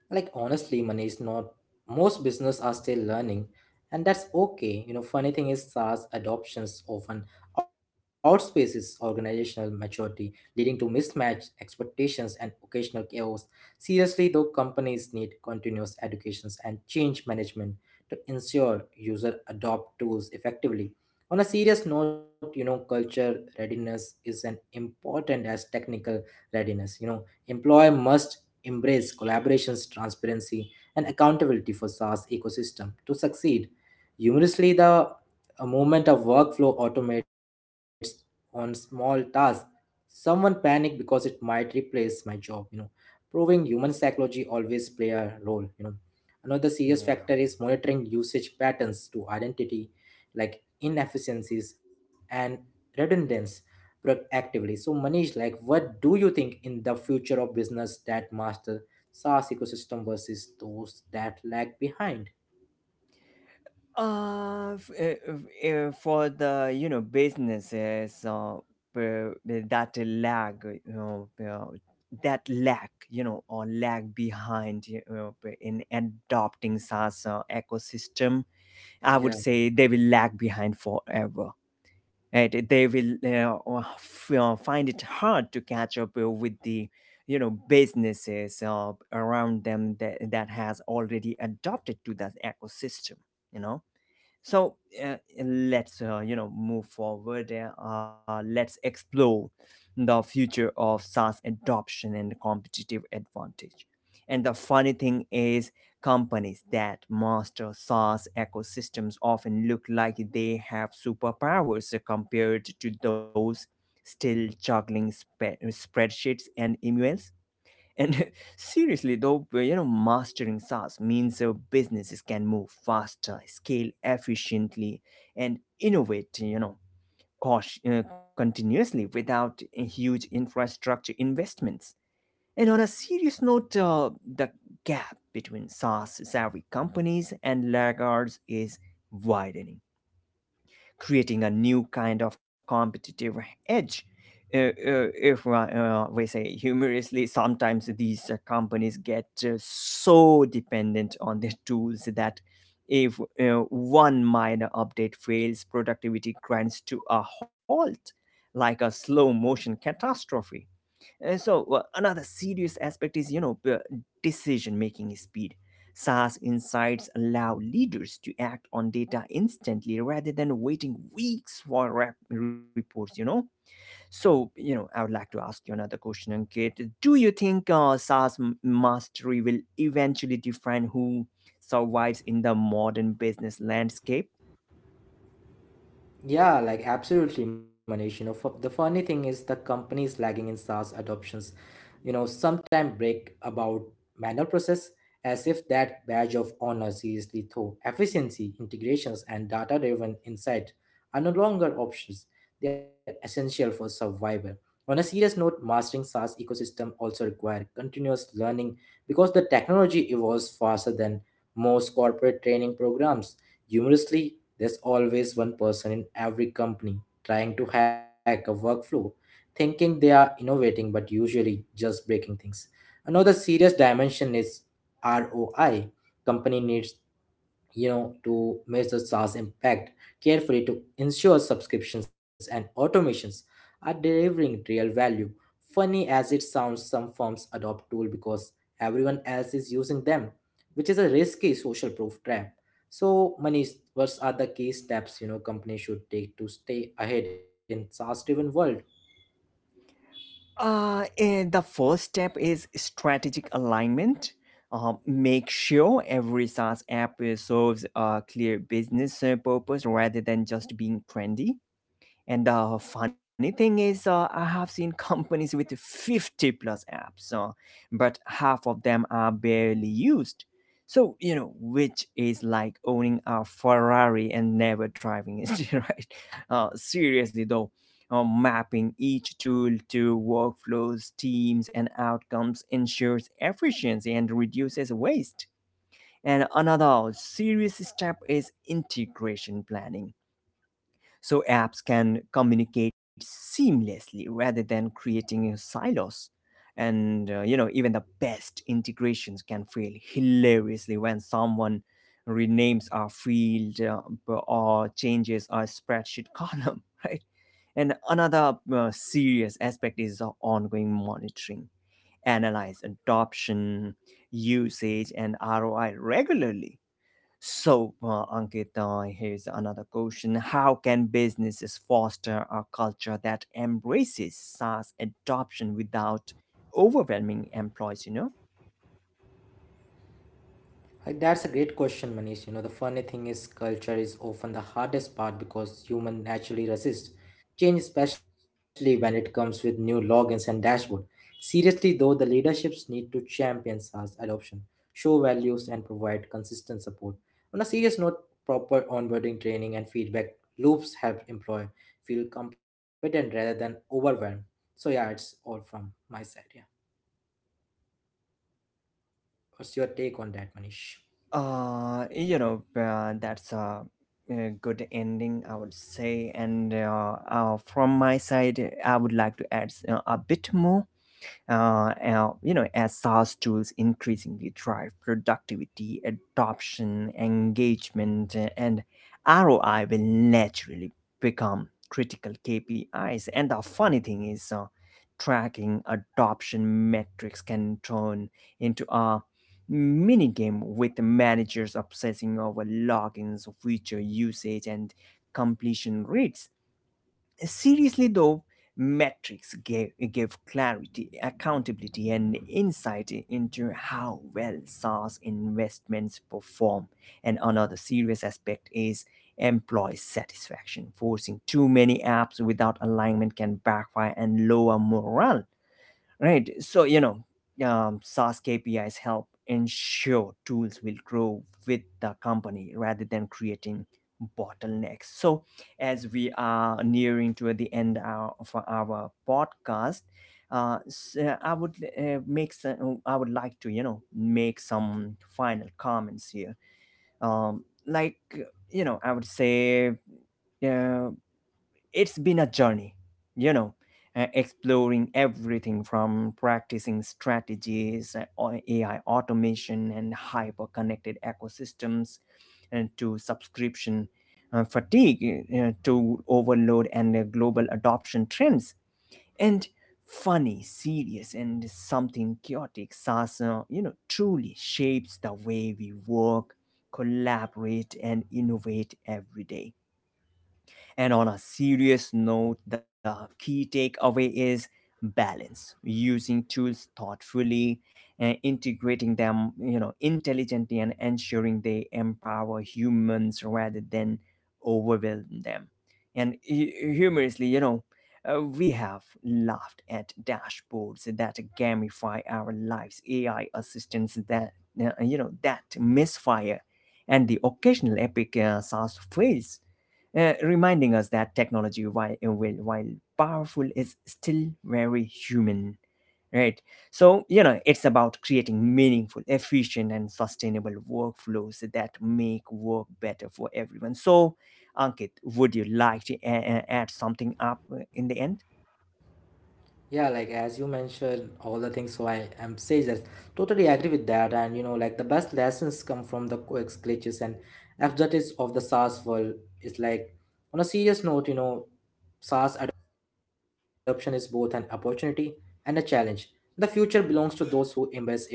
S2: Like honestly, money is not most business are still learning, and that's okay. You know, funny thing is SaaS adoptions often outspaces organizational maturity, leading to mismatched expectations and occasional chaos. Seriously, though, companies need continuous educations and change management to ensure user adopt tools effectively. On a serious note, you know, culture readiness is an important as technical readiness. You know, employer must embrace collaborations, transparency, and accountability for SaaS ecosystem to succeed. Humorously, the uh, movement of workflow automates on small tasks. Someone panic because it might replace my job, you know, proving human psychology always play a role, you know. Another serious factor
S1: Yeah.
S2: is monitoring usage patterns to identity like inefficiencies and redundancy proactively. So Manish, like what do you think in the future of business that master SaaS ecosystem versus those that lag behind?
S1: Uh, f- uh, f- uh, for the, you know, businesses uh, p- that lag you know uh, that lack, you know, or lag behind, you know, p- in adopting SaaS uh, ecosystem, I would
S2: Yeah.
S1: say they will lag behind forever. Right, they will uh, uh, f- uh, find it hard to catch up uh, with the, you know, businesses uh, around them that, that has already adopted to that ecosystem, you know. So, uh, let's uh, you know, move forward uh, uh, let's explore the future of SaaS adoption and competitive advantage. And the funny thing is, companies that master SaaS ecosystems often look like they have superpowers compared to those still juggling spe- spreadsheets and emails. And seriously, though, you know, mastering SaaS means uh, businesses can move faster, scale efficiently, and innovate, you know, caut- uh, continuously without huge infrastructure investments. And on a serious note, uh, the gap between SaaS savvy companies and laggards is widening, creating a new kind of competitive edge. Uh, uh, if uh, uh, we say humorously, sometimes these uh, companies get uh, so dependent on their tools that if uh, one minor update fails, productivity grinds to a halt like a slow motion catastrophe. And so uh, another serious aspect is, you know, decision making speed. SaaS insights allow leaders to act on data instantly rather than waiting weeks for rep- reports. You know, so, you know, I would like to ask you another question, Ankit. Do you think uh, SaaS m- mastery will eventually define who survives in the modern business landscape?
S2: Yeah, like absolutely, Manish. You know, fu- the funny thing is the companies lagging in SaaS adoptions, you know, sometimes break about manual process as if that badge of honor. Seriously though, efficiency, integrations, and data-driven insight are no longer options. They are essential for survival. On a serious note, mastering SaaS ecosystem also require continuous learning because the technology evolves faster than most corporate training programs. Humorously, there's always one person in every company trying to hack a workflow, thinking they are innovating but usually just breaking things. Another serious dimension is R O I. Company needs you know to measure SaaS impact carefully to ensure subscriptions and automations are delivering real value. Funny as it sounds, some firms adopt tool because everyone else is using them, which is a risky social proof trap. So, Manish, what are the key steps you know companies should take to stay ahead in SaaS-driven world?
S1: Uh, eh, the first step is strategic alignment. Uh, make sure every SaaS app eh, serves a clear business eh, purpose rather than just being trendy. And the funny thing is, uh, I have seen companies with fifty plus apps, uh, but half of them are barely used. So, you know, which is like owning a Ferrari and never driving it, right? Uh, seriously, though, uh, mapping each tool to workflows, teams, and outcomes ensures efficiency and reduces waste. And another serious step is integration planning, so apps can communicate seamlessly rather than creating uh, silos. And uh, you know, even the best integrations can fail hilariously when someone renames a field, uh, b- or changes a spreadsheet column, right? And another uh, serious aspect is the ongoing monitoring, analyze adoption, usage, and R O I regularly. So, uh, Ankit, uh, here's another question. How can businesses foster a culture that embraces SaaS adoption without overwhelming employees, you know?
S2: Like, that's a great question, Manish. You know, the funny thing is, culture is often the hardest part because human naturally resist change, especially when it comes with new logins and dashboard. Seriously, though, the leaderships need to champion SaaS adoption, show values, and provide consistent support. On a serious note, proper onboarding training and feedback loops help employee feel competent rather than overwhelmed. So yeah, it's all from my side. Yeah, what's your take on that, Manish?
S1: Uh, you know, uh, that's a, a good ending, I would say. And uh, uh, from my side, I would like to add uh, a bit more. uh, uh, you know, as SaaS tools increasingly drive productivity, adoption, engagement, uh, and R O I will naturally become critical K P Is. And the funny thing is, uh, tracking adoption metrics can turn into a mini game, with managers obsessing over logins, feature usage, and completion rates. Seriously, though, metrics gave, gave clarity, accountability, and insight into how well SaaS investments perform. And another serious aspect is employee satisfaction. Forcing too many apps without alignment can backfire and lower morale, right? So, you know, um, SaaS KPIs help ensure tools will grow with the company rather than creating bottlenecks. So, as we are nearing to the end uh, of our podcast, uh, s- uh, i would uh, make some, I would like to, you know, make some final comments here. um, like you know, I would say, uh, it's been a journey, you know, uh, exploring everything from practicing strategies, uh, on A I automation, and hyper connected ecosystems, and to subscription uh, fatigue, uh, to overload, and uh, global adoption trends. And funny, serious, and something chaotic, SaaS, uh, you know, truly shapes the way we work, collaborate, and innovate every day. And on a serious note, the key takeaway is balance: using tools thoughtfully and integrating them, you know, intelligently, and ensuring they empower humans rather than overwhelm them. And hu- humorously, you know, uh, we have laughed at dashboards that gamify our lives, A I assistants that, uh, you know that misfire, and the occasional epic uh, SaaS fails, uh, reminding us that technology, while, uh, while while powerful, is still very human, right? So, you know, it's about creating meaningful, efficient, and sustainable workflows that make work better for everyone. So, Ankit, would you like to a- a- add something up uh, in the end?
S2: Yeah, like as you mentioned, all the things. So I am says that totally agree with that. And you know, like the best lessons come from the quirks, glitches, and absurdities of the SaaS world. It's like on a serious note, you know, SaaS adoption is both an opportunity and a challenge. The future belongs to those who embrace it thoughtfully.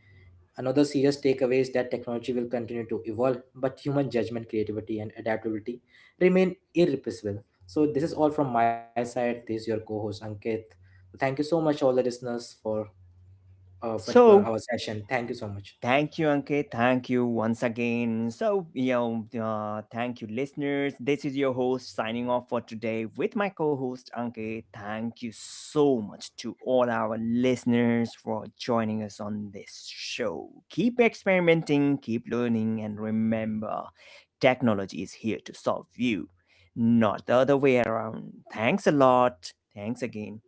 S2: Another serious takeaway is that technology will continue to evolve, but human judgment, creativity, and adaptability remain irreplaceable. So, this is all from my side. This is your co host, Ankit. Thank you so much, all the listeners, for a particular
S1: So,
S2: our session. Thank you so much.
S1: thank you, Ankit. Thank you once again. So, you know, uh, thank you, listeners. This is your host signing off for today with my co host, Ankit. Thank you so much to all our listeners for joining us on this show. Keep experimenting, keep learning, and remember, technology is here to solve you, not the other way around. Thanks a lot. Thanks again.